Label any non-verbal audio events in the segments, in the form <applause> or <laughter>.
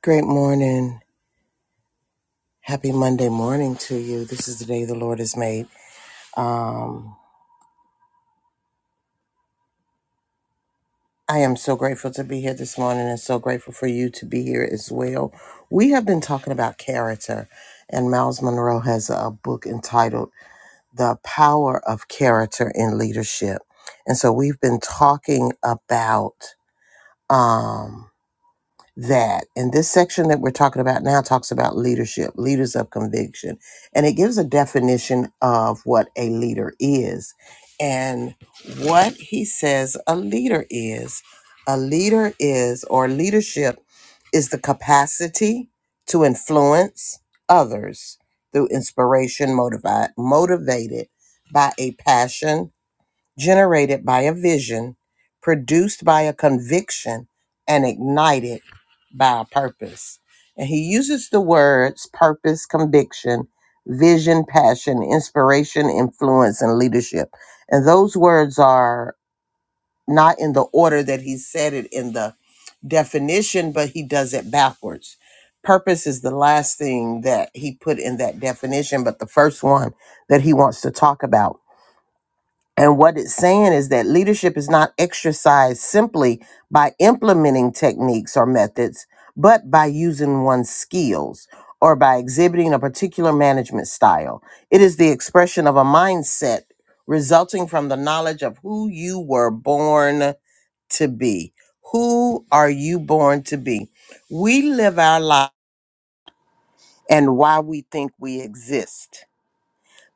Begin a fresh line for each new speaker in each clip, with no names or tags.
Great morning. Happy Monday morning to you. This is the day the Lord has made. Um, I am so grateful to be here this morning and so grateful for you to be here as well. We have been talking about character, and Miles Monroe has a book entitled The Power of Character in Leadership. And so we've been talking about. um, that. And this section that we're talking about now talks about leadership, leaders of conviction. And it gives a definition of what a leader is. And what he says a leader is a leader is, or leadership is the capacity to influence others through inspiration motivi- motivated by a passion generated by a vision, produced by a conviction, and ignited by a purpose. And he uses the words purpose, conviction, vision, passion, inspiration, influence, and leadership. And those words are not in the order that he said it in the definition, but he does it backwards. Purpose is the last thing that he put in that definition, but the first one that he wants to talk about. And what it's saying is that leadership is not exercised simply by implementing techniques or methods, but by using one's skills or by exhibiting a particular management style. It is the expression of a mindset resulting from the knowledge of who you were born to be. Who are you born to be? We live our life and why we think we exist.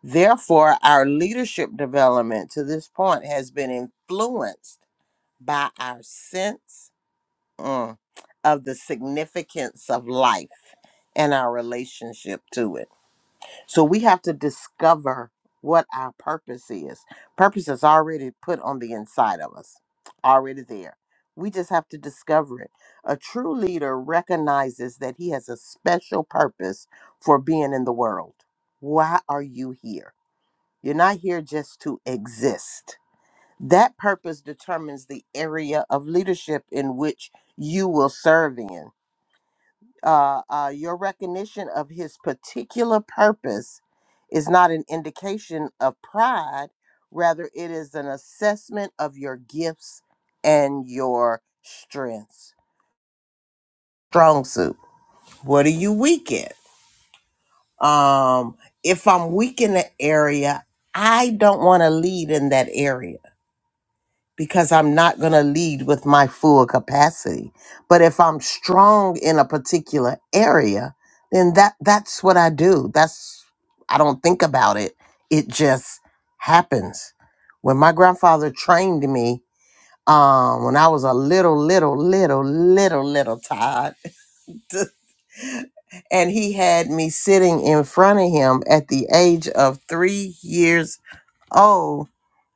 Therefore, our leadership development to this point has been influenced by our sense mm, of the significance of life and our relationship to it. So we have to discover what our purpose is. Purpose is already put on the inside of us, already there. We just have to discover it. A true leader recognizes that he has a special purpose for being in the world. Why are you here? You're not here just to exist. That purpose determines the area of leadership in which you will serve in. Uh, uh, your recognition of his particular purpose is not an indication of pride, rather, it is an assessment of your gifts and your strengths. Strong suit. What are you weak in? Um, if I'm weak in the area, I don't want to lead in that area. because I'm not going to lead with my full capacity. But if I'm strong in a particular area, then that that's what I do. That's I don't think about it. It just happens. When my grandfather trained me, um, when I was a little, little, little, little, little Todd, <laughs> and he had me sitting in front of him at the age of three years old,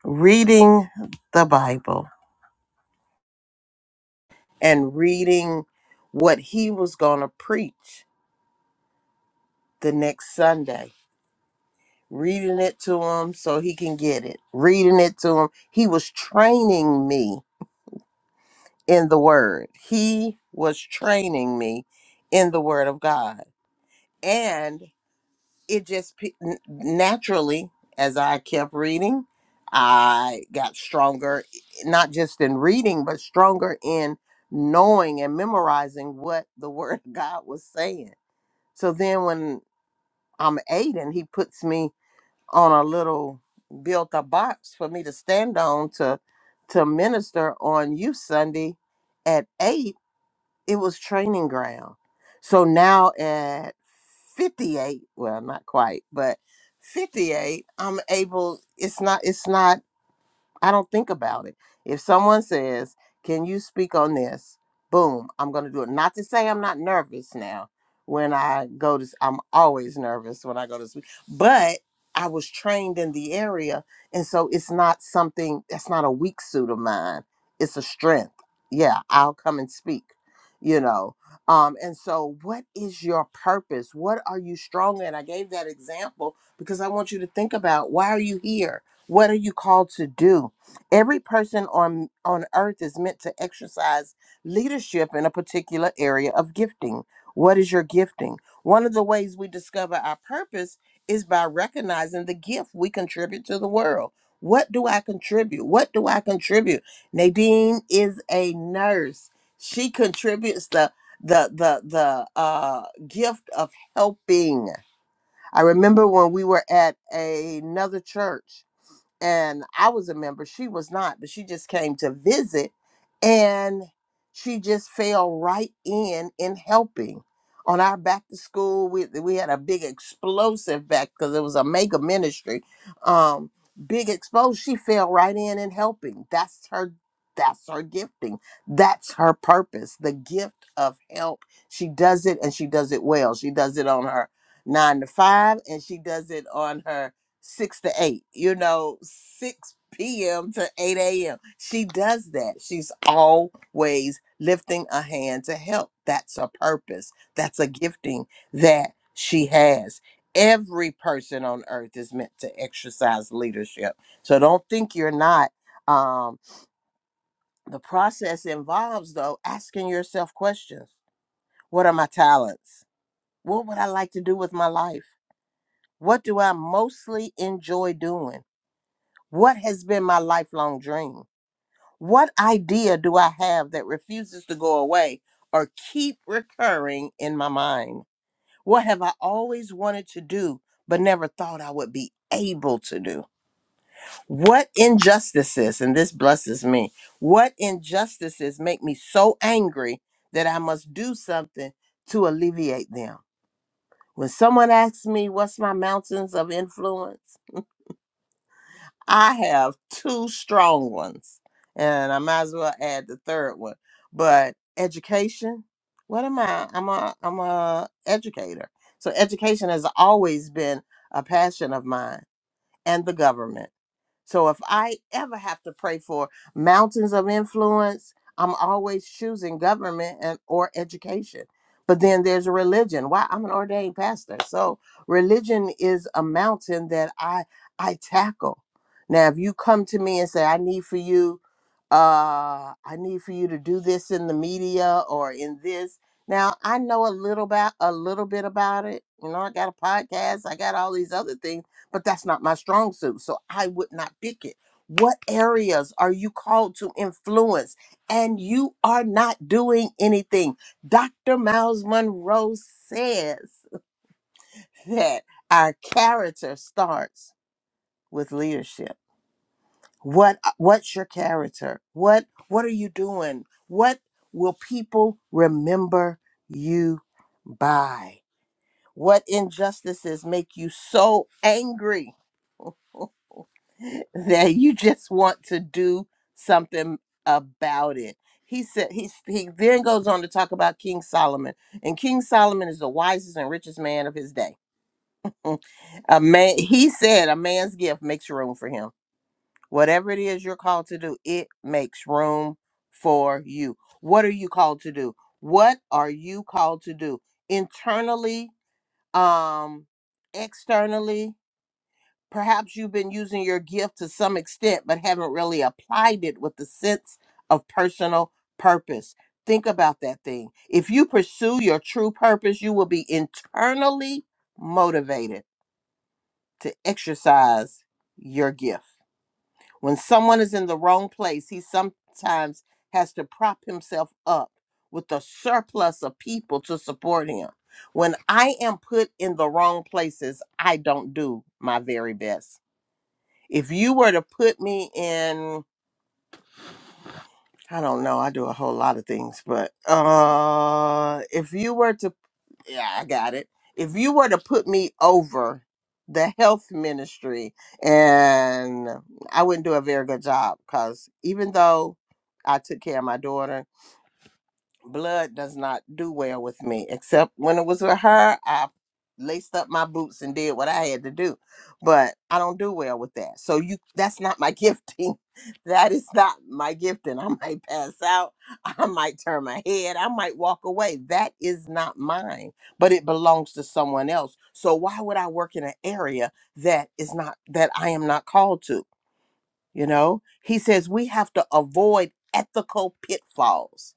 reading the Bible and reading what he was going to preach the next Sunday, reading it to him so he can get it, reading it to him. He was training me in the word. He was training me in the word of God. And it just pe- n- naturally, as I kept reading, I got stronger, not just in reading, but stronger in knowing and memorizing what the <laughs> word of God was saying So then when I'm eight and he puts me on a little built a box for me to stand on to to minister on youth Sunday at eight, it was training ground. So now at 58, well not quite, but 58, I'm able it's not it's not I don't think about it. If someone says, "Can you speak on this?" Boom, I'm going to do it. Not to say I'm not nervous now. When I go to, s- I'm always nervous when I go to speak. But I was trained in the area, and so it's not something that's not a weak suit of mine. It's a strength. Yeah, I'll come and speak. You know. Um, and so, what is your purpose? What are you strong in? I gave that example because I want you to think about why are you here? What are you called to do? Every person on on earth is meant to exercise leadership in a particular area of gifting. What is your gifting? One of the ways we discover our purpose is by recognizing the gift we contribute to the world. What do I contribute? What do I contribute? Nadine is a nurse. She contributes the the the the uh gift of helping. I remember when we were at another church and I was a member. She was not, but she just came to visit and she just fell right in in helping. On our back to school, we we had a big explosive back because it was a mega ministry. Um, big expose. She fell right in in helping. That's her. That's her gifting. That's her purpose. The gift of help. She does it and she does it well. She does it on her nine to five and she does it on her six to eight, you know, 6 p.m. to 8 a.m. She does that. She's always lifting a hand to help. That's a purpose, that's a gifting that she has. Every person on earth is meant to exercise leadership. So don't think you're not. Um, the process involves, though, asking yourself questions What are my talents? What would I like to do with my life? What do I mostly enjoy doing? What has been my lifelong dream? What idea do I have that refuses to go away or keep recurring in my mind? What have I always wanted to do but never thought I would be able to do? What injustices, and this blesses me, what injustices make me so angry that I must do something to alleviate them? When someone asks me, What's my mountains of influence? I have two strong ones, and I might as well add the third one. But education, what am I? I'm a I'm a educator. So education has always been a passion of mine, and the government. So if I ever have to pray for mountains of influence, I'm always choosing government and or education. But then there's religion. Why? I'm an ordained pastor. So religion is a mountain that I I tackle. Now if you come to me and say I need for you uh I need for you to do this in the media or in this. Now I know a little about a little bit about it. You know, I got a podcast, I got all these other things but that's not my strong suit. So I would not pick it. What areas are you called to influence and you are not doing anything? Dr. Miles Monroe says <laughs> that our character starts with leadership. What uh, what's your character? What what are you doing? What will people remember you by? What injustices make you so angry? that you just want to do something about it. He said he he then goes on to talk about King Solomon, and King Solomon is the wisest and richest man of his day. Mm. A man, he said, a man's gift makes room for him. Whatever it is you're called to do, it makes room for you. What are you called to do? What are you called to do internally, um, externally? Perhaps you've been using your gift to some extent, but haven't really applied it with the sense of personal purpose. Think about that thing. If you pursue your true purpose, you will be internally motivated to exercise your gift. When someone is in the wrong place, he sometimes has to prop himself up with a surplus of people to support him. When I am put in the wrong places, I don't do my very best. If you were to put me in, I don't know, I do a whole lot of things, but uh if you were to yeah, I got it. If you were to put me over the health ministry, and I wouldn't do a very good job because even though I took care of my daughter blood does not do well with me. Except when it was with her, I laced up my boots and did what I had to do. But I don't do well with that. So you that's not my <laughs> gifting. That is not my gifting. I might pass out. I might turn my head. I might walk away. That is not mine. But it belongs to someone else. So why would I work in an area that is not that I am not called to? You know? He says we have to avoid ethical pitfalls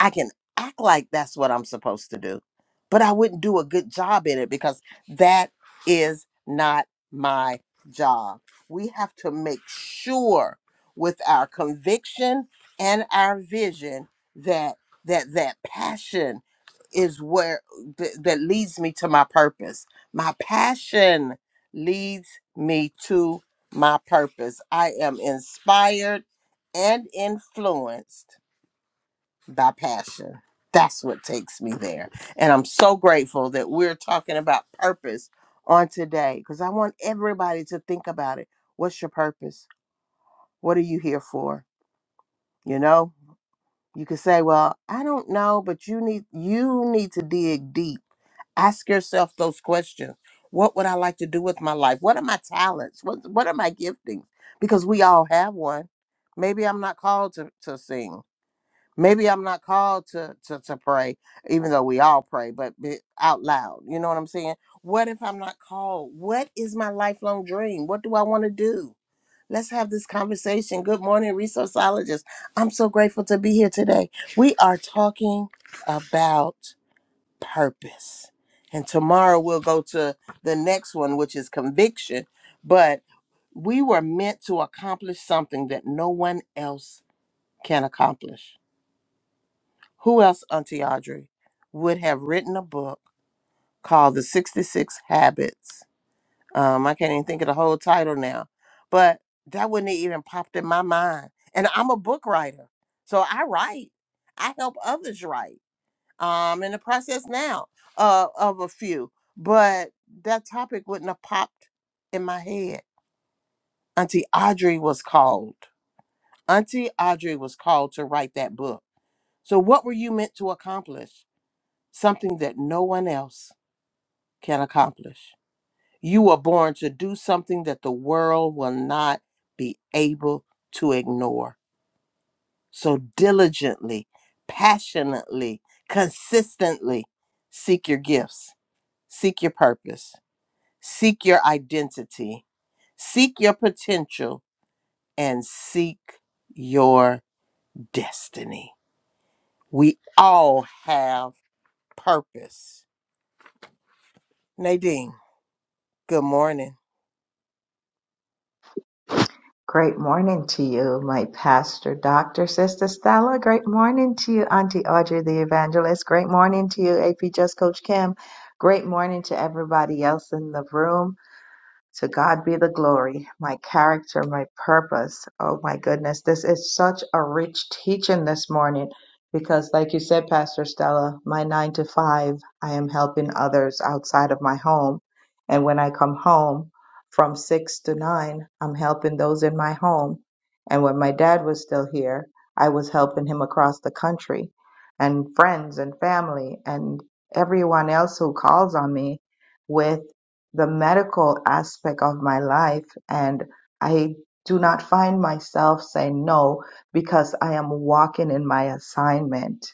I can act like that's what I'm supposed to do, but I wouldn't do a good job in it because that is not my job. We have to make sure with our conviction and our vision that that that passion is where th- that leads me to my purpose. My passion leads me to my purpose. I am inspired and influenced thy passion. That's what takes me there. And I'm so grateful that we're talking about purpose on today because I want everybody to think about it. What's your purpose? What are you here for? You know, you could say, well, I don't know, but you need you need to dig deep. Ask yourself those questions. What would I like to do with my life? What are my talents? What what are my giftings? Because we all have one. Maybe I'm not called to, to sing Maybe I'm not called to, to, to pray, even though we all pray, but be out loud. You know what I'm saying? What if I'm not called? What is my lifelong dream? What do I want to do? Let's have this conversation. Good morning, resourceologist. I'm so grateful to be here today. We are talking about purpose. And tomorrow we'll go to the next one, which is conviction. But we were meant to accomplish something that no one else can accomplish who else, Auntie Audrey, would have written a book called The 66 Habits? Um, I can't even think of the whole title now, but that wouldn't have even popped in my mind. And I'm a book writer, so I write. I help others write. Um, in the process now uh, of a few, but that topic wouldn't have popped in my head. Auntie Audrey was called. Auntie Audrey was called to write that book. So, what were you meant to accomplish? something that no one else can accomplish. You were born to do something that the world will not be able to ignore. So diligently, passionately, consistently seek your gifts, seek your purpose, seek your identity, seek your potential, and seek your destiny. We all have purpose. Nadine, good morning.
Great morning to you, my pastor, doctor, sister Stella. Great morning to you, Auntie Audrey, the evangelist. Great morning to you, AP Just Coach Kim. Great morning to everybody else in the room. To God be the glory, my character, my purpose. Oh my goodness, this is such a rich teaching this morning because, like you said, Pastor Stella, my nine to five, I am helping others outside of my home. And when I come home from six to nine, I'm helping those in my home. And when my dad was still here, I was helping him across the country and friends and family and everyone else who calls on me with the medical aspect of my life and I do not find myself saying no because I am walking in my assignment.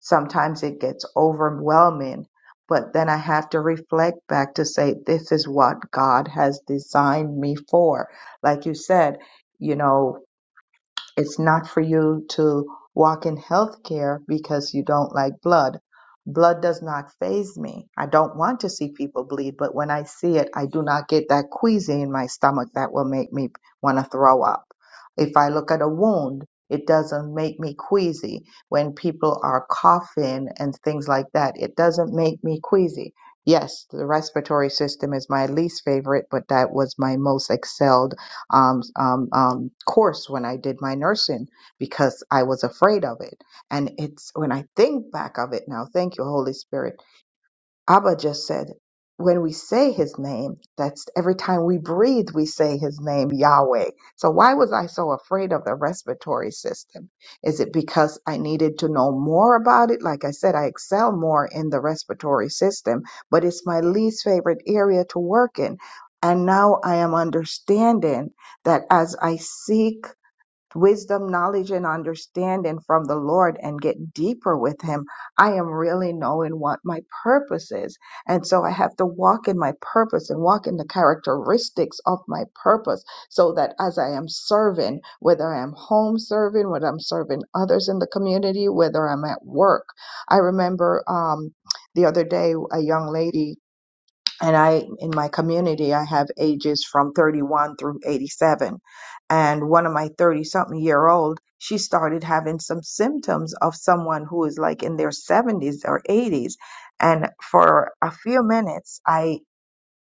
Sometimes it gets overwhelming, but then I have to reflect back to say, this is what God has designed me for. Like you said, you know, it's not for you to walk in healthcare because you don't like blood. Blood does not faze me. I don't want to see people bleed, but when I see it, I do not get that queasy in my stomach that will make me want to throw up. If I look at a wound, it doesn't make me queasy. When people are coughing and things like that, it doesn't make me queasy. Yes, the respiratory system is my least favorite, but that was my most excelled um, um, um, course when I did my nursing because I was afraid of it. And it's when I think back of it now, thank you, Holy Spirit Abba just said, when we say his name, that's every time we breathe, we say his name, Yahweh. So why was I so afraid of the respiratory system? Is it because I needed to know more about it? Like I said, I excel more in the respiratory system, but it's my least favorite area to work in. And now I am understanding that as I seek wisdom, knowledge, and understanding from the Lord and get deeper with Him, I am really knowing what my purpose is. And so I have to walk in my purpose and walk in the characteristics of my purpose so that as I am serving, whether I am home serving, whether I'm serving others in the community, whether I'm at work. I remember um, the other day, a young lady and I in my community I have ages from 31 through 87 and one of my 30 something year old she started having some symptoms of someone who is like in their 70s or 80s and for a few minutes I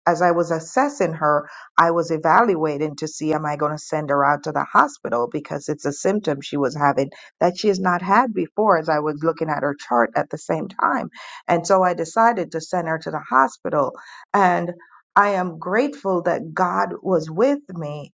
as I was assessing her, I was evaluating to see am I going to send her out to the hospital because it's a symptom she was having that she has not had before as I was looking at her chart at the same time. And so I decided to send her to the hospital and I am grateful that God was with me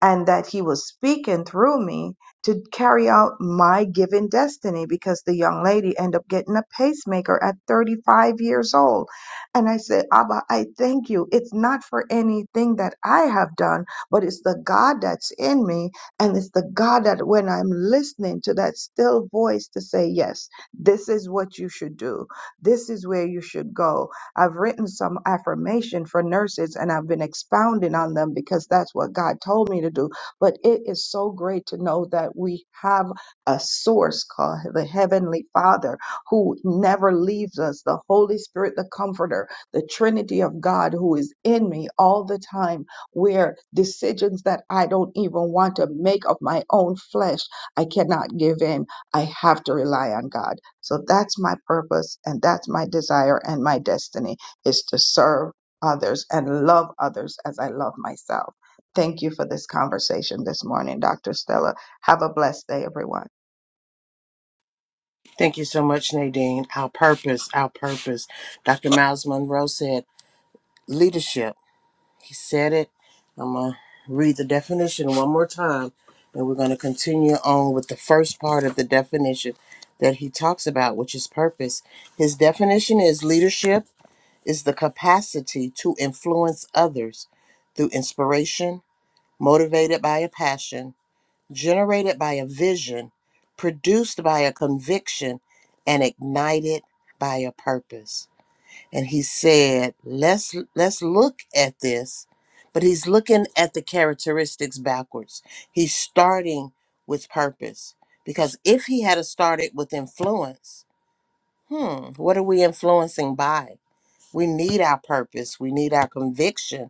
and that he was speaking through me to carry out my given destiny because the young lady ended up getting a pacemaker at 35 years old. And I said, Abba, I thank you. It's not for anything that I have done, but it's the God that's in me. And it's the God that when I'm listening to that still voice to say, yes, this is what you should do. This is where you should go I've written some affirmation for nurses and I've been expounding on them because that's what God told me to do. But it is so great to know that we have a source called the Heavenly Father who never leaves us, the Holy Spirit, the Comforter, the Trinity of God who is in me all the time, where decisions that I don't even want to make of my own flesh, I cannot give in. I have to rely on God. So that's my purpose and that's my desire and my destiny is to serve others and love others as I love myself. Thank you for this conversation this morning, Dr. Stella. Have a blessed day, everyone.
Thank you so much, Nadine. Our purpose, our purpose. Dr. Miles Monroe said leadership. He said it. I'm going to read the definition one more time, and we're going to continue on with the first part of the definition that he talks about, which is purpose. His definition is leadership is the capacity to influence others through inspiration, motivated by a passion generated by a vision, produced by a conviction, and ignited by a purpose. And he said, "Let's let's look at this." But he's looking at the characteristics backwards. He's starting with purpose because if he had a started with influence, hmm, what are we influencing by? We need our purpose. We need our conviction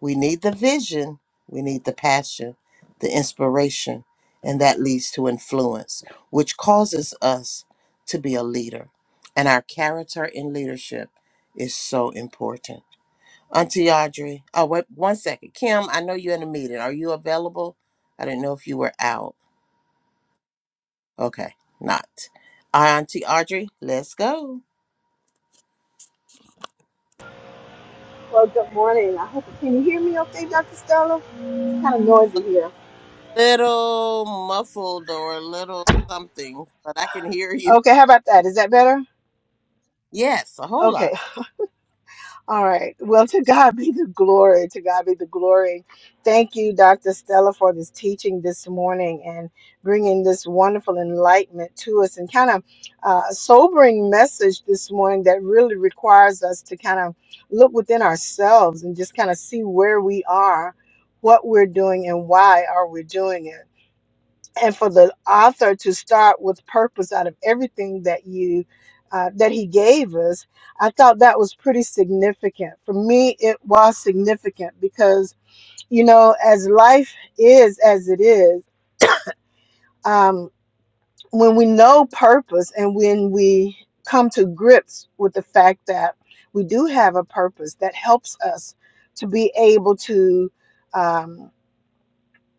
we need the vision, we need the passion, the inspiration, and that leads to influence, which causes us to be a leader. And our character in leadership is so important. Auntie Audrey, oh, wait one second. Kim, I know you're in a meeting. Are you available? I didn't know if you were out. Okay, not. Auntie Audrey, let's go.
Well, good morning. I hope can you hear me okay, Dr. Stella? It's kind of noisy here.
Little muffled or a little something, but I can hear you.
Okay, how about that? Is that better?
Yes, a whole lot.
Okay. All right. Well, to God be the glory. To God be the glory. Thank you, Dr. Stella, for this teaching this morning and bringing this wonderful enlightenment to us and kind of uh, sobering message this morning that really requires us to kind of look within ourselves and just kind of see where we are, what we're doing, and why are we doing it and for the author to start with purpose out of everything that you uh, that he gave us i thought that was pretty significant for me it was significant because you know as life is as it is um, when we know purpose and when we come to grips with the fact that we do have a purpose that helps us to be able to um,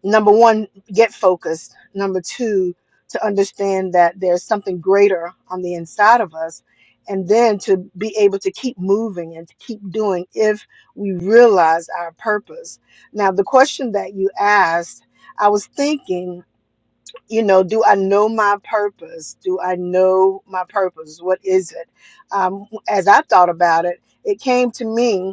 number one, get focused. Number two, to understand that there's something greater on the inside of us. And then to be able to keep moving and to keep doing if we realize our purpose. Now, the question that you asked, I was thinking, you know, do I know my purpose? Do I know my purpose? What is it? Um, as I thought about it, it came to me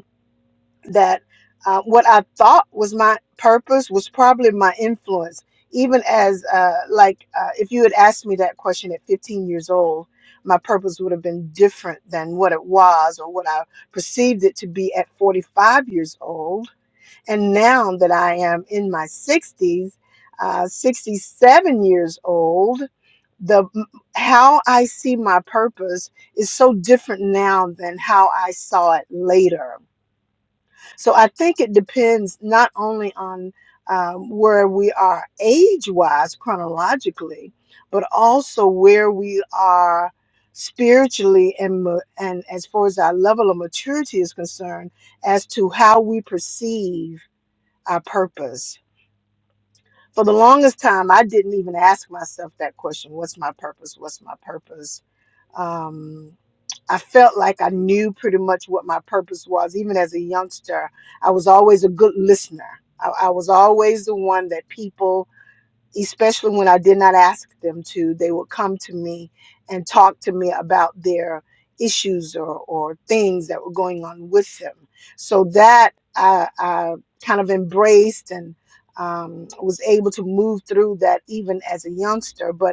that uh, what I thought was my purpose was probably my influence. Even as, uh, like, uh, if you had asked me that question at 15 years old, my purpose would have been different than what it was or what I perceived it to be at 45 years old. And now that I am in my 60s, uh, 67 years old, the how I see my purpose is so different now than how I saw it later so I think it depends not only on um, where we are age wise, chronologically, but also where we are spiritually and, ma- and as far as our level of maturity is concerned, as to how we perceive our purpose. For the longest time, I didn't even ask myself that question what's my purpose? What's my purpose? Um, I felt like I knew pretty much what my purpose was. Even as a youngster, I was always a good listener. I, I was always the one that people, especially when I did not ask them to, they would come to me and talk to me about their issues or, or things that were going on with them. So that I, I kind of embraced and um, was able to move through that even as a youngster. But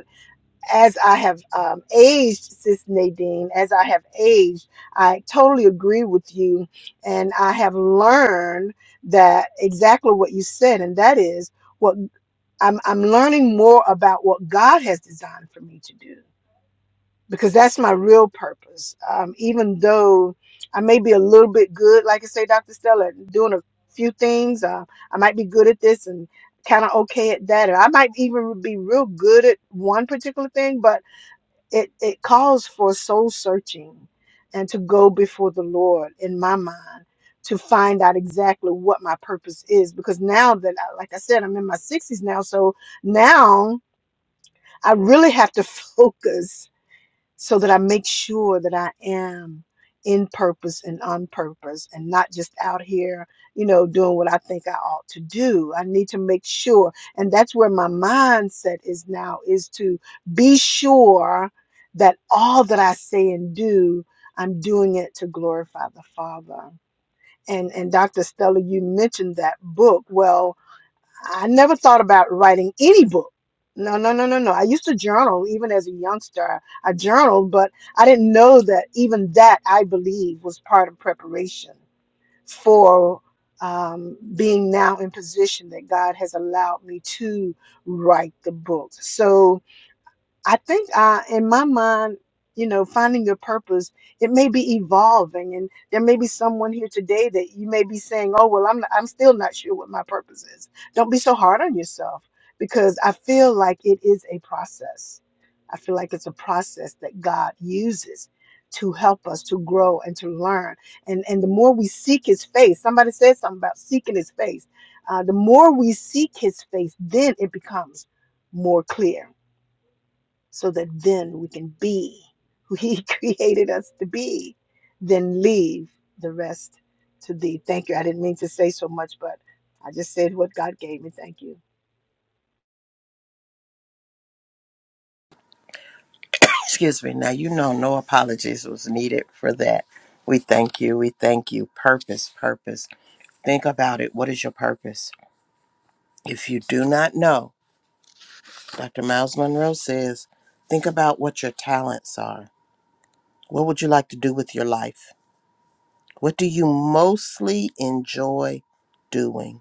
as I have um, aged, Sis Nadine, as I have aged, I totally agree with you. And I have learned that exactly what you said, and that is what I'm, I'm learning more about what God has designed for me to do because that's my real purpose. Um, even though I may be a little bit good, like I say, Dr. Stella, at doing a few things, uh, I might be good at this and kind of okay at that, or I might even be real good at one particular thing, but it, it calls for soul searching and to go before the Lord in my mind to find out exactly what my purpose is. Because now that, I, like I said, I'm in my 60s now, so now I really have to <laughs> focus so that I make sure that I am in purpose and on purpose and not just out here, you know, doing what I think I ought to do. I need to make sure. And that's where my mindset is now is to be sure that all that I say and do, I'm doing it to glorify the Father. And and Dr. Stella, you mentioned that book. Well, I never thought about writing any book. No, no, no, no, no. I used to journal even as a youngster. I journaled, but I didn't know that even that I believe was part of preparation for um, being now in position that God has allowed me to write the book. So I think I, in my mind, you know, finding your purpose, it may be evolving, and there may be someone here today that you may be saying, "Oh, well, I'm I'm still not sure what my purpose is." Don't be so hard on yourself, because I feel like it is a process. I feel like it's a process that God uses to help us to grow and to learn. And and the more we seek His face, somebody said something about seeking His face. Uh, the more we seek His face, then it becomes more clear so that then we can be who He <laughs> created us to be, then leave the rest to Thee. Thank you. I didn't mean to say so much, but I just said what God gave me. Thank you.
Excuse me. Now, you know, no apologies was needed for that. We thank you. We thank you. Purpose, purpose. Think about it. What is your purpose? If you do not know, Dr. Miles Monroe says, think about what your talents are. What would you like to do with your life? What do you mostly enjoy doing?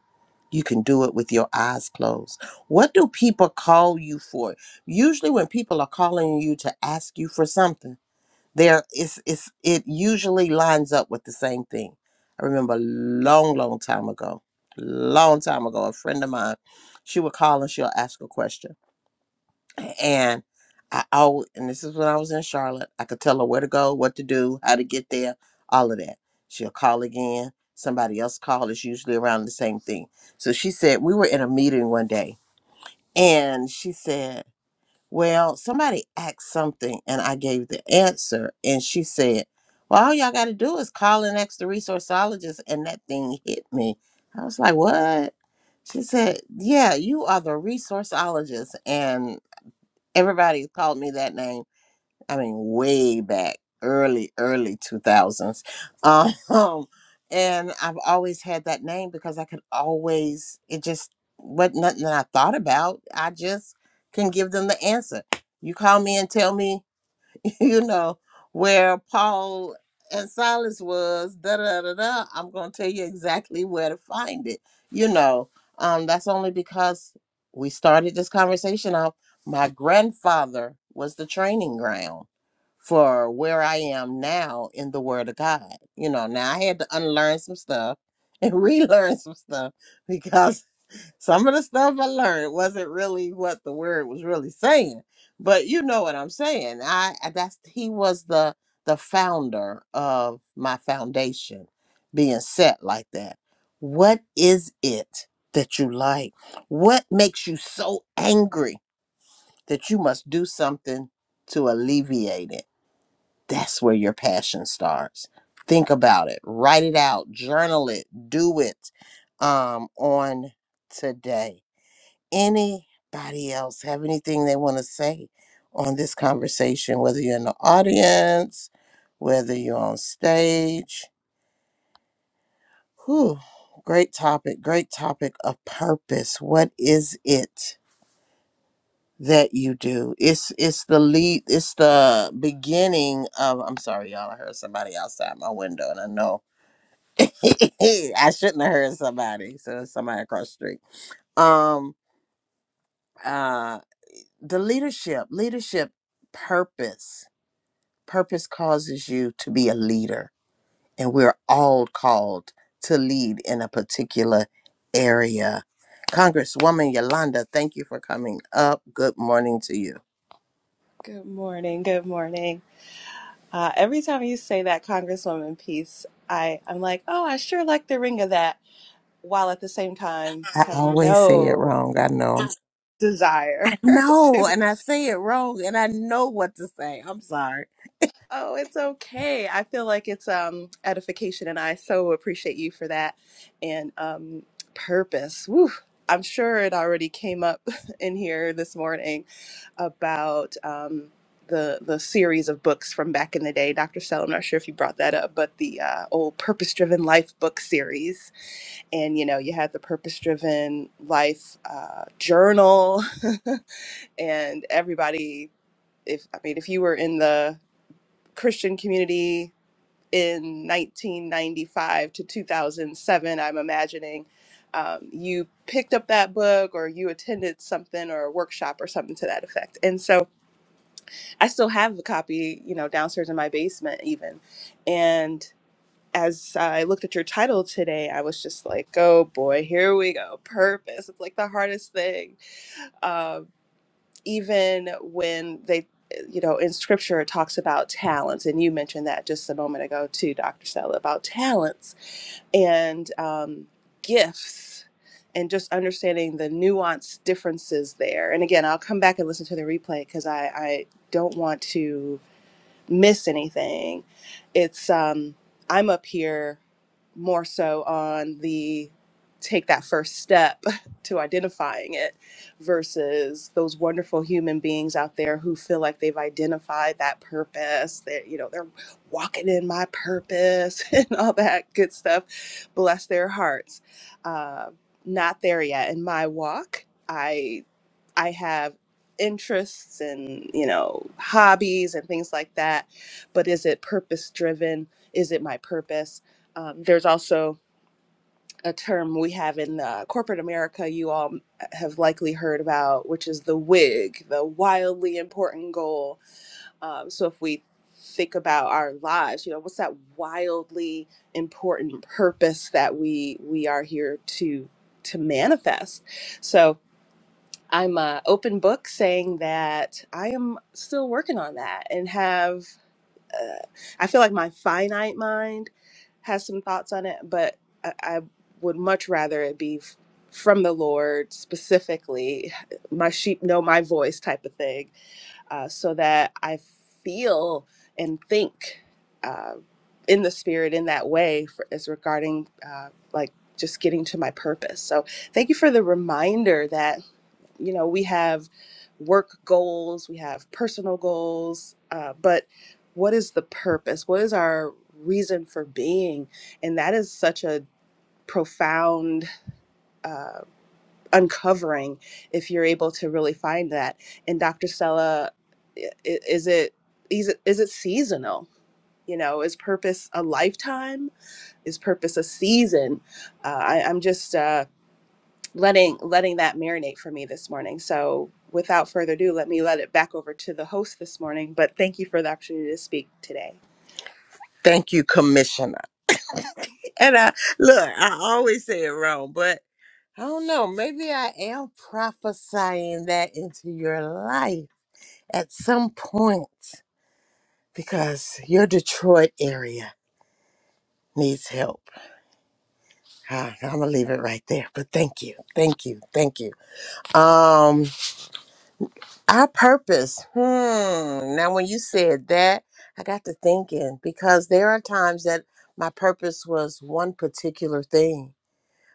You can do it with your eyes closed. What do people call you for? Usually, when people are calling you to ask you for something, there it's it's it usually lines up with the same thing i remember a long long time ago long time ago a friend of mine she would call and she'll ask a question and i always and this is when i was in charlotte i could tell her where to go what to do how to get there all of that she'll call again somebody else call it's usually around the same thing so she said we were in a meeting one day and she said well, somebody asked something and I gave the answer, and she said, Well, all y'all got to do is call and ask the resourceologist, and that thing hit me. I was like, What? She said, Yeah, you are the resourceologist, and everybody called me that name. I mean, way back, early, early 2000s. <laughs> Um, and I've always had that name because I could always, it just wasn't nothing that I thought about. I just can give them the answer. You call me and tell me <laughs> you know, where Paul and Silas was, da da da da. I'm gonna tell you exactly where to find it. You know, um, that's only because we started this conversation off. My grandfather was the training ground for where I am now in the Word of God. You know, now I had to unlearn some stuff and <laughs> relearn some stuff because some of the stuff I learned wasn't really what the word was really saying, but you know what I'm saying. I I- that's he was the the founder of my foundation being set like that. What is it that you like? What makes you so angry that you must do something to alleviate it? That's where your passion starts. Think about it, write it out, journal it, do it um on today anybody else have anything they want to say on this conversation, whether you're in the audience, whether you're on stage. Whew, great topic, great topic of purpose. What is it that you do? It's it's the lead, it's the beginning of I'm sorry, y'all. I heard somebody outside my window and I know <laughs> I shouldn't have heard somebody. So it's somebody across the street. Um uh the leadership, leadership purpose Purpose causes you to be a leader, and we're all called to lead in a particular area. Congresswoman Yolanda, thank you for coming up. Good morning to you.
Good morning. Good morning. Uh, every time you say that Congresswoman piece, I, I'm like, oh, I sure like the ring of that, while at the same time
I
have
always say it
no
wrong. I know. I
desire <laughs>
know,
to.
and I say it wrong, and I know what to say. I'm sorry.
Oh, it's okay. I feel like it's um, edification, and I so appreciate you for that and um, purpose. Woo. I'm sure it already came up <laughs> in here this morning about um, the the series of books from back in the day, Dr. Sell. I'm not sure if you brought that up, but the uh, old Purpose Driven Life book series, and you know, you had the Purpose Driven Life uh, journal, <laughs> and everybody. If I mean, if you were in the Christian community in 1995 to 2007, I'm imagining. Um, you picked up that book or you attended something or a workshop or something to that effect. And so I still have a copy, you know, downstairs in my basement even. And as I looked at your title today, I was just like, oh boy, here we go. Purpose. It's like the hardest thing. Um, even when they, you know, in scripture, it talks about talents. And you mentioned that just a moment ago, too, Dr. Stella, about talents and um, gifts and just understanding the nuanced differences there. And again, I'll come back and listen to the replay because I, I don't want to miss anything. It's um, I'm up here more so on the take that first step <laughs> to identifying it versus those wonderful human beings out there who feel like they've identified that purpose that you know they're walking in my purpose <laughs> and all that good stuff bless their hearts uh, not there yet in my walk i i have interests and you know hobbies and things like that but is it purpose driven is it my purpose um, there's also a term we have in uh, corporate america you all have likely heard about which is the wig the wildly important goal um, so if we think about our lives you know what's that wildly important purpose that we we are here to to manifest so I'm a open book saying that I am still working on that and have uh, I feel like my finite mind has some thoughts on it, but I, I would much rather it be f- from the Lord specifically, my sheep know my voice type of thing, uh, so that I feel and think uh, in the spirit in that way for, as regarding uh, like just getting to my purpose. So thank you for the reminder that you know we have work goals we have personal goals uh, but what is the purpose what is our reason for being and that is such a profound uh, uncovering if you're able to really find that and dr stella i- i- is it is it, is it seasonal you know is purpose a lifetime is purpose a season uh, I, i'm just uh, letting letting that marinate for me this morning. So without further ado, let me let it back over to the host this morning. But thank you for the opportunity to speak today.
Thank you, Commissioner. And I look, I always say it wrong, but I don't know. Maybe I am prophesying that into your life at some point. because your Detroit area needs help. I'm gonna leave it right there. But thank you, thank you, thank you. Um, our purpose. Hmm. Now, when you said that, I got to thinking because there are times that my purpose was one particular thing,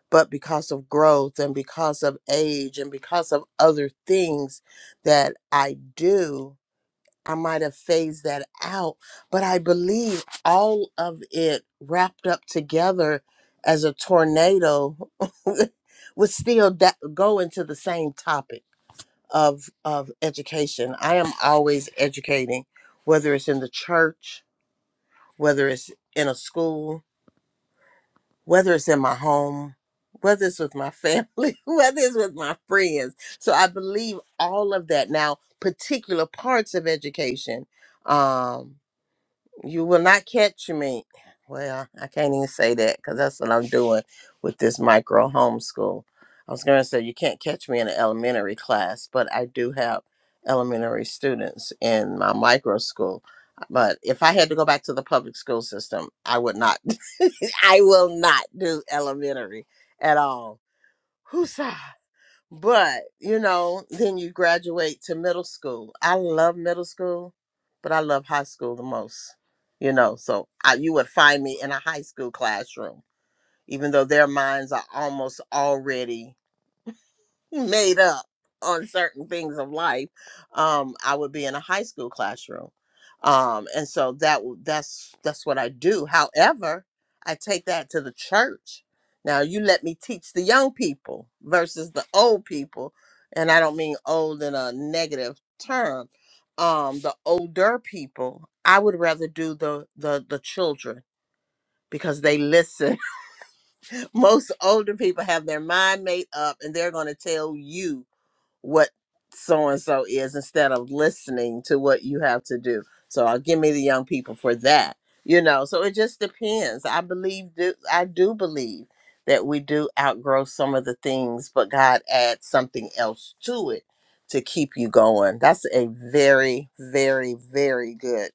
but because of growth and because of age and because of other things that I do. I might have phased that out, but I believe all of it wrapped up together as a tornado <laughs> would still that go into the same topic of of education. I am always educating, whether it's in the church, whether it's in a school, whether it's in my home, whether it's with my family, <laughs> whether it's with my friends. So I believe all of that. Now, particular parts of education. Um, you will not catch me. Well, I can't even say that because that's what I'm doing with this micro homeschool. I was going to say you can't catch me in an elementary class, but I do have elementary students in my micro school. But if I had to go back to the public school system, I would not. <laughs> I will not do elementary at all. Who's but, you know, then you graduate to middle school. I love middle school, but I love high school the most. You know, so I, you would find me in a high school classroom, even though their minds are almost already made up on certain things of life um i would be in a high school classroom um and so that w- that's that's what i do however i take that to the church now you let me teach the young people versus the old people and i don't mean old in a negative term um the older people i would rather do the the the children because they listen <laughs> most older people have their mind made up and they're going to tell you what so and so is instead of listening to what you have to do. So I'll give me the young people for that. You know, so it just depends. I believe do I do believe that we do outgrow some of the things, but God adds something else to it to keep you going. That's a very, very, very good,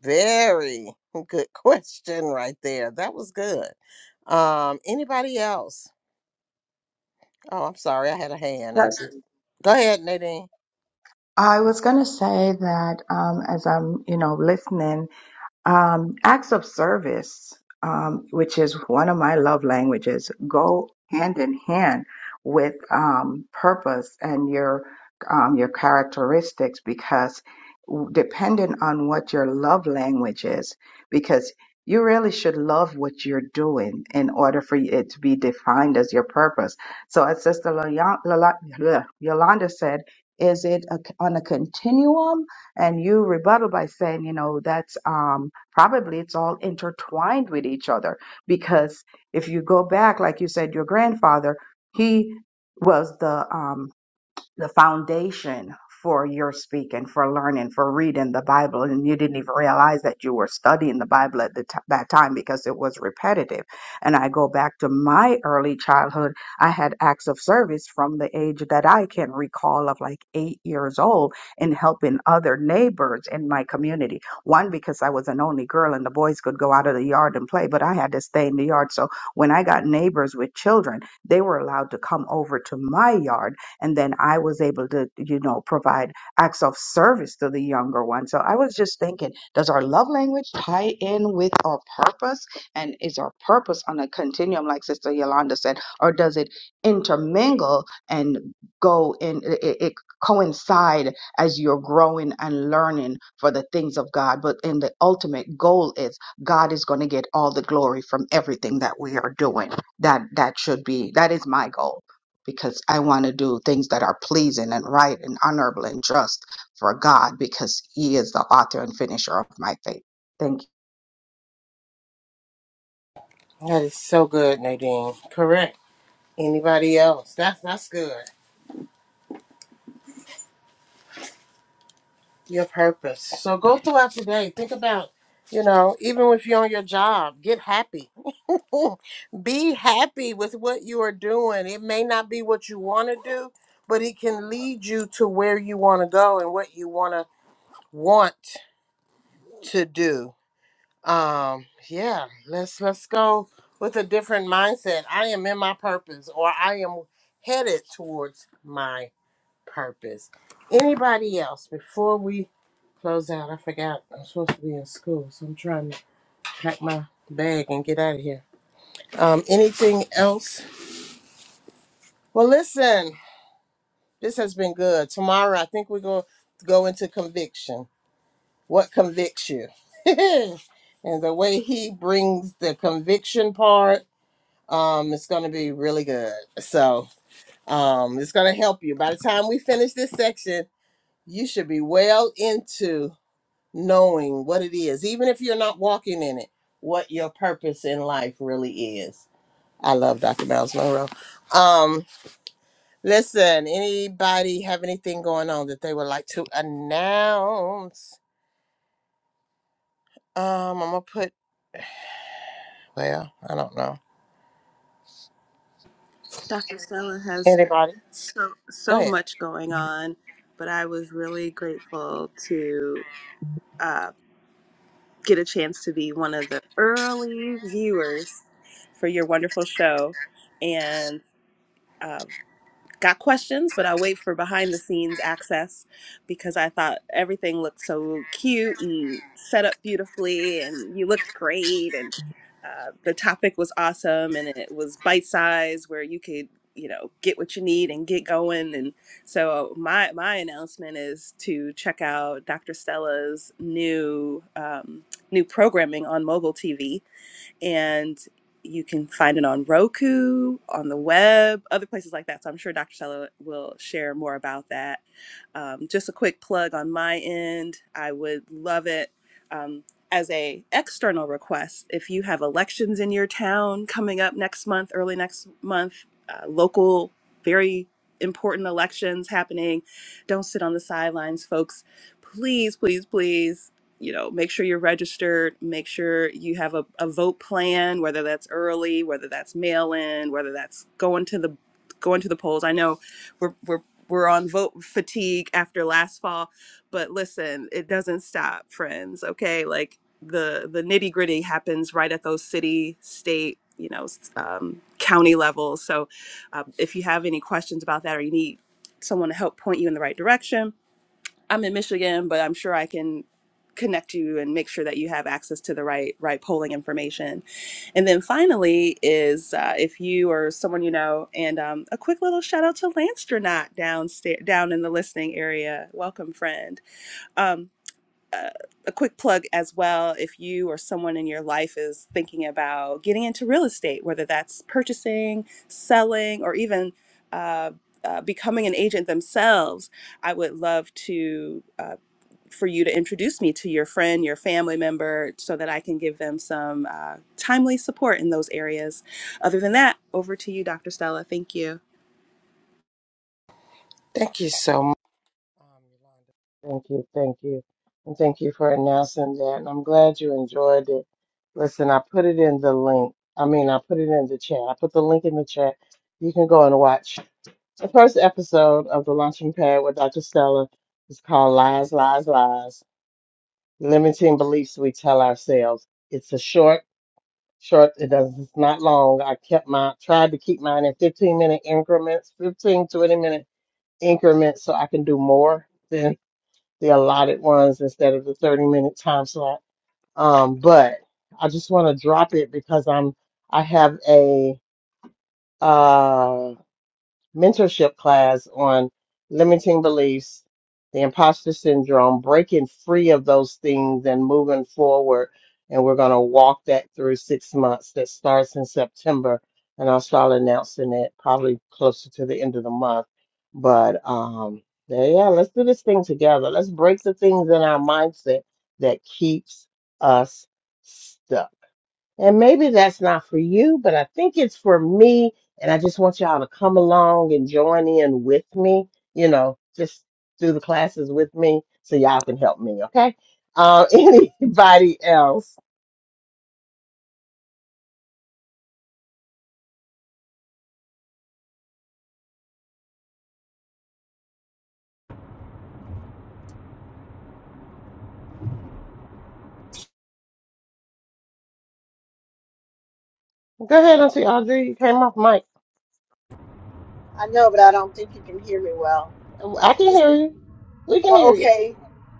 very good <laughs> question right there. That was good. Um, anybody else? Oh, I'm sorry, I had a hand. I
Yes.
did. go ahead, Nadine.
I was going to say that um, as I'm, you know, listening, Um, acts of service, um, which is one of my love languages, go hand in hand with um, purpose and your um, your characteristics because w- depending on what your love language is, because you really should love what you're doing in order for it to be defined as your purpose. So, as Sister Yola- Yola- Yolanda said, is it a, on a continuum? And you rebuttal by saying, you know, that's um, probably it's all intertwined with each other because if you go back, like you said, your grandfather, he was the um, the foundation for your speaking, for learning, for reading the Bible, and you didn't even realize that you were studying the Bible at the t- that time because it was repetitive. And I go back to my early childhood. I had acts of service from the age that I can recall of like eight years old in helping other neighbors in my community. One because I was an only girl and the boys could go out of the yard and play, but I had to stay in the yard. So when I got neighbors with children, they were allowed to come over to my yard and then i was able to you know provide acts of service to the younger one so i was just thinking does our love language tie in with our purpose and is our purpose on a continuum like sister yolanda said or does it intermingle and go in it, it it coincide as you're growing and learning for the things of god but in the ultimate goal is god is going to get all the glory from everything that we are doing that that should be that is my goal because I want to do things that are pleasing and right and honorable and just for God because He is the author and finisher of my faith. Thank you.
That is so good, Nadine. Correct. Anybody else? That's that's good. Your purpose. So go throughout today. Think about, you know, even if you're on your job, get happy. <laughs> be happy with what you are doing. It may not be what you want to do, but it can lead you to where you want to go and what you want to want to do. Um, yeah, let's let's go with a different mindset. I am in my purpose, or I am headed towards mine. purpose. Anybody else before we close out? I forgot I'm supposed to be in school, so I'm trying to pack my bag and get out of here. Um, anything else? Well, listen, this has been good. Tomorrow, I think we're going to go into conviction. What convicts you? <laughs> and the way he brings the conviction part, um, it's going to be really good. So um, it's going to help you. By the time we finish this section, you should be well into knowing what it is, even if you're not walking in it, what your purpose in life really is. I love Dr. Miles Monroe. Um, listen, anybody have anything going on that they would like to announce? Um, I'm gonna put well, I don't know.
Dr. Stella has so
Go
so
ahead.
much going on, but I was really grateful to uh, get a chance to be one of the early viewers for your wonderful show, and. uh, got questions, but I wait for behind the scenes access because I thought everything looked so cute and set up beautifully, and you looked great, and uh, the topic was awesome, and it was bite sized where you could you know get what you need and get going and so my my announcement is to check out dr stella's new um, new programming on mogul tv and you can find it on Roku, on the web, other places like that. So I'm sure Dr. Stella will share more about that. Um, just a quick plug on my end. I would love it um, as a external request. If you have elections in your town coming up next month, early next month, uh, local, very important elections happening, don't sit on the sidelines, folks. Please, please, please you know, make sure you're registered, make sure you have a, a vote plan, whether that's early, whether that's mail in, whether that's going to the going to the polls. I know we're we're we're on vote fatigue after last fall, but listen, it doesn't stop, friends. Okay, like the the nitty gritty happens right at those city, state, you know, s- um, county levels. So, um, if you have any questions about that or you need someone to help point you in the right direction, I'm in Michigan, but I'm sure I can connect you and make sure that you have access to the right right polling information. And then finally is uh, if you or someone you know, and um, a quick little shout out to Lance Dranot downstairs down in the listening area. Welcome, friend. Um, uh, a quick plug as well if you or someone in your life is thinking about getting into real estate, whether that's purchasing, selling, or even uh, uh, becoming an agent themselves. I would love to. Uh, for you to introduce me to your friend, your family member, so that I can give them some uh, timely support in those areas. Other than that, over to you, Dr. Stella. Thank you.
Thank you so much. Um, Yolanda. Thank you, thank you. And thank you for announcing that. And I'm glad you enjoyed it. Listen, I put it in the link. I mean, I put it in the chat. I put the link in the chat. You can go and watch The first episode of The Lunchroom Pad with Dr. Stella is called Lies, Lies, Lies Limiting Beliefs We Tell Ourselves. It's a short, short, it does, it's not long. I kept my, tried to keep mine in 15 minute increments, 15, 20 minute increments so I can do more than the allotted ones instead of the 30 minute time slot. Um, but I just want to drop it because I'm, I have a, uh, mentorship class on limiting beliefs, the imposter syndrome, breaking free of those things and moving forward. And we're going to walk that through six months that starts in September. And I'll start announcing it probably closer to the end of the month. But um, yeah, yeah, let's do this thing together. Let's break the things in our mindset that keeps us stuck. And maybe that's not for you, but I think it's for me. And I just want y'all to come along and join in with me, you know, just do the classes with me so y'all can help me, okay? Uh, <laughs> anybody else? Go ahead, Auntie Audrey. You came off mic.
I know, but I don't think you can hear me well.
I can
Just
hear you. We can
uh,
hear you.
okay.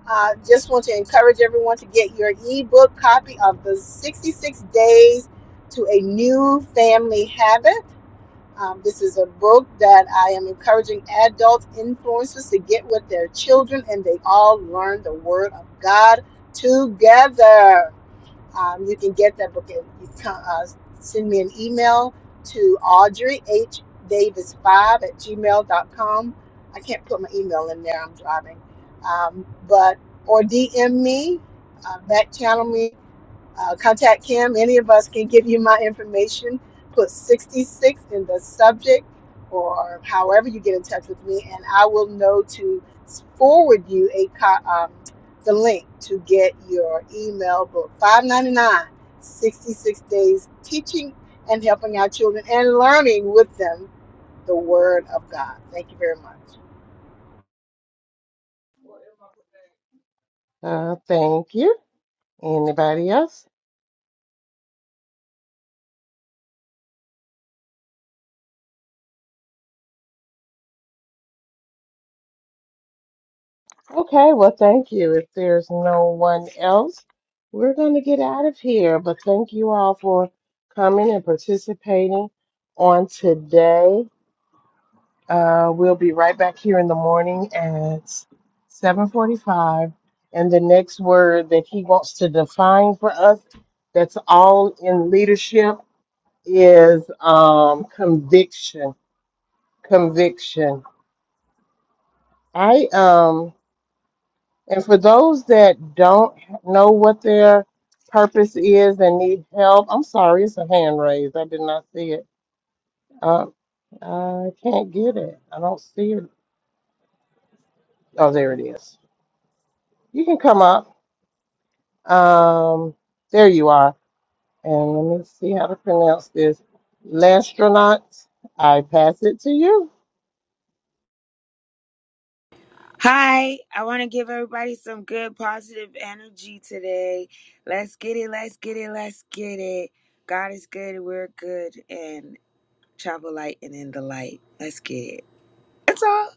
Uh, just want to encourage everyone to get your ebook copy of the 66 Days to a New Family Habit. Um, this is a book that I am encouraging adult influencers to get with their children, and they all learn the Word of God together. Um, you can get that book. and You uh, send me an email to Audrey H. Davis5 at gmail dot com. I can't put my email in there, I'm driving. Um, but Or DM me, uh, back channel me uh, contact Kim. Any of us can give you my information. Put 66 in the subject or however you get in touch with me, and I will know to forward you a co- um, the link to get your email book. Five ninety-nine, sixty-six days teaching and helping our children and learning with them the word of God. Thank you very much.
Uh, thank you. Anybody else? Okay, well, thank you. If there's no one else, we're going to get out of here. But thank you all for coming and participating on today. Uh, we'll be right back here in the morning at 7:45, and the next word that he wants to define for us, that's all in leadership, is um, conviction. Conviction. I um. And for those that don't know what their purpose is and need help, I'm sorry, it's a hand raised. I did not see it. Uh, I can't get it. I don't see it. Oh, there it is. You can come up. Um, there you are. And let me see how to pronounce this. Lastronaut, I pass it to you.
Hi, I want to give everybody some good positive energy today. Let's get it, let's get it, let's get it. God is good, we're good, and travel light and in the light. Let's get it. That's all.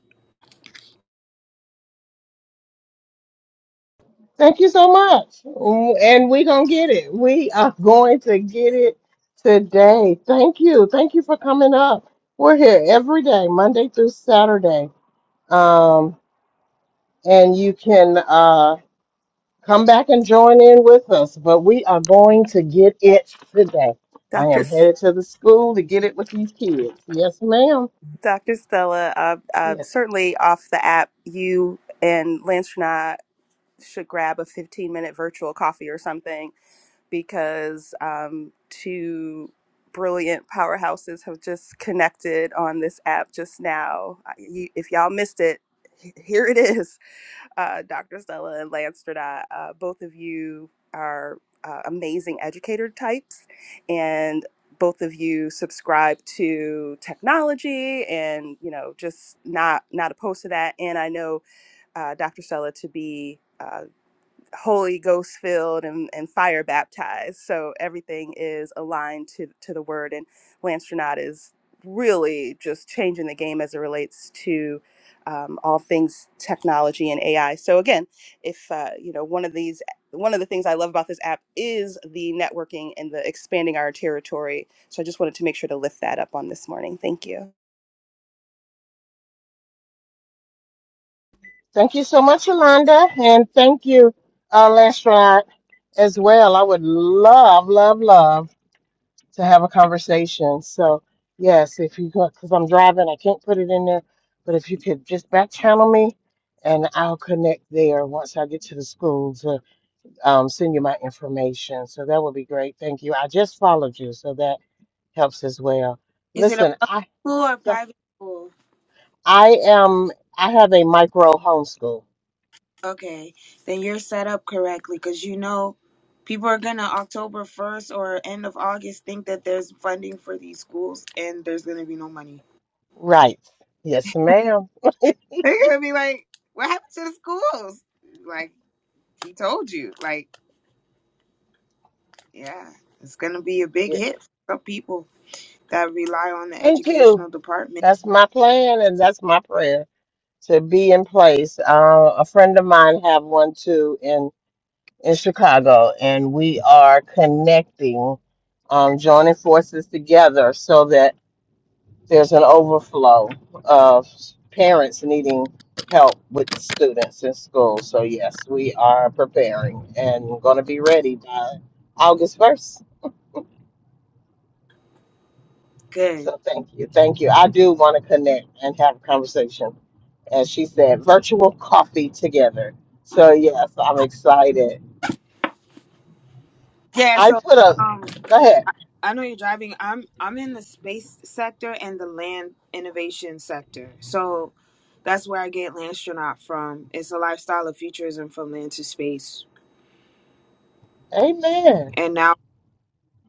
Thank you so much. W- And we're going to get it. We are <laughs> going to get it today. Thank you. Thank you for coming up. We're here every day, Monday through Saturday. Um, and you can uh, come back and join in with us, but we are going to get it today. I
Dr.
am headed to the school to get it with these kids. Yes, ma'am.
Dr. Stella, uh, uh,
Yes.
certainly off the app, you and Lance and I should grab a 15 minute virtual coffee or something because um, two brilliant powerhouses have just connected on this app just now. I- You, if y'all missed it, h- here it is. uh, Dr. Stella and Lance Stradot, uh, both of you are uh, amazing educator types, and both of you subscribe to technology and you know just not not opposed to that. And I know uh, Dr. Stella to be. uh, Holy Ghost filled and, and fire baptized. So everything is aligned to, to the word. And Lance Renaud is really just changing the game as it relates to um, all things technology and AI. So again, if uh, you know one of these, one of the things I love about this app is the networking and the expanding our territory. So I just wanted to make sure to lift that up on this morning. Thank you.
Thank you so much, Yolanda. And thank you, uh, Lance Rod, as well. I would love, love, love to have a conversation. So yes, if you go, because I'm driving, I can't put it in there. But if you could just back channel me, and I'll connect there once I get to the school to um, send you my information. So that would be great. Thank you. I just followed you, so that helps as well.
Is it a
Listen, I
public school or private school?
I am I have a micro homeschool.
Okay, then you're set up correctly because you know people are going to October 1st or end of August think that there's funding for these schools and there's going to be no money.
Right. Yes, ma'am. <laughs>
They're going to be like, what happened to the schools? Like, he told you. Like, Yeah, it's going to be a big
Yeah.
hit for some people that rely on the
Thank you.
educational department.
That's my plan, and that's my prayer. to be in place. Uh, a friend of mine have one too in in Chicago, and we are connecting, um, joining forces together so that there's an overflow of parents needing help with students in school. So yes, we are preparing and going to be ready by August first.
Good.
So thank you, thank you. I do want to connect and have conversations as she said, virtual coffee together. So yes, I'm excited.
Yeah,
I
so
put a
um
go ahead.
I know you're driving. I'm I'm in the space sector and the land innovation sector. So that's where I get Landstronaut from. It's a lifestyle of futurism from land to space.
Amen.
And now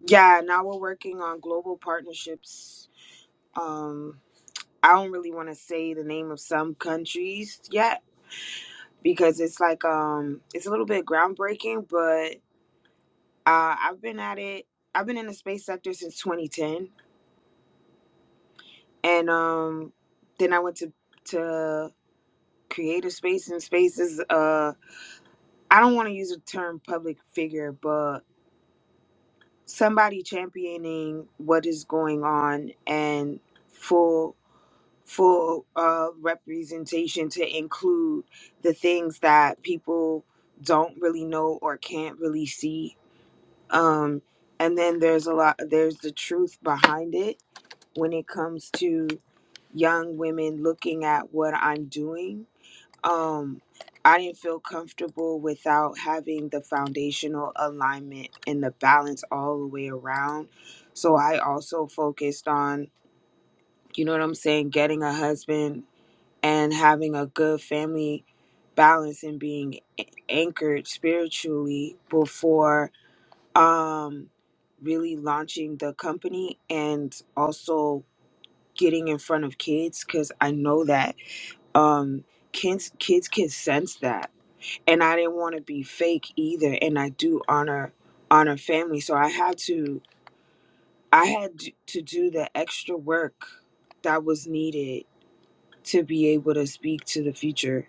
yeah, now we're working on global partnerships. Um I don't really want to say the name of some countries yet because it's like um it's a little bit groundbreaking, but Uh, I've been at it. I've been in the space sector since 2010, and um, then I went to to creative space and spaces. Uh, I don't want to use the term public figure, but somebody championing what is going on and full full uh, representation to include the things that people don't really know or can't really see. Um, and then there's a lot. There's the truth behind it when it comes to young women looking at what I'm doing. Um, I didn't feel comfortable without having the foundational alignment and the balance all the way around. So I also focused on, you know what I'm saying, getting a husband and having a good family balance and being a- anchored spiritually before um really launching the company and also getting in front of kids because I know that um, kids kids can sense that, and I didn't want to be fake either. And I do honor honor family, so I had to I had d- to do the extra work that was needed to be able to speak to the future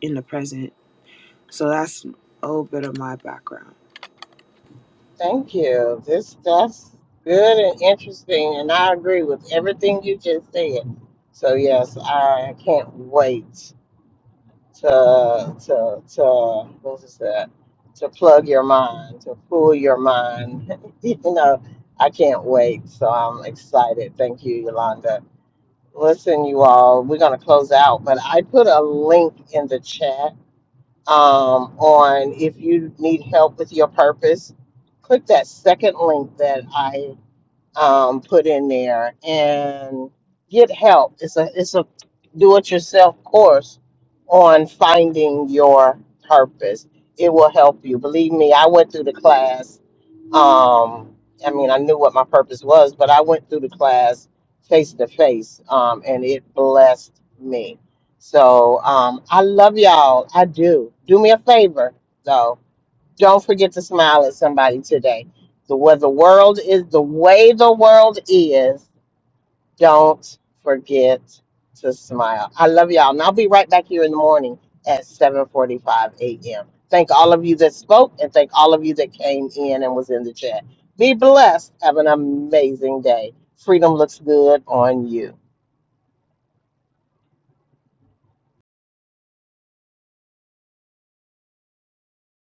in the present. So that's a little bit of my background.
Thank you. This that's good and interesting and I agree with everything you just said. So yes, I can't wait to to to what is that? To plug your mind, to fool your mind. <laughs> you know, I can't wait. So I'm excited. Thank you, Yolanda. Listen, you all, we're going to close out, but I put a link in the chat um, on if you need help with your purpose. Click that second link that I um, put in there and get help. It's a it's a do-it-yourself course on finding your purpose. It will help you. Believe me, I went through the class. Um, I mean, I knew what my purpose was, but I went through the class face to face, um, and it blessed me. So um, I love y'all. I do. Do me a favor, though don't forget to smile at somebody today. The way the world is, the way the world is, don't forget to smile. I love y'all, and I'll be right back here in the morning at 7:45 a.m. Thank all of you that spoke, and thank all of you that came in and was in the chat. Be blessed. Have an amazing day. Freedom looks good on you.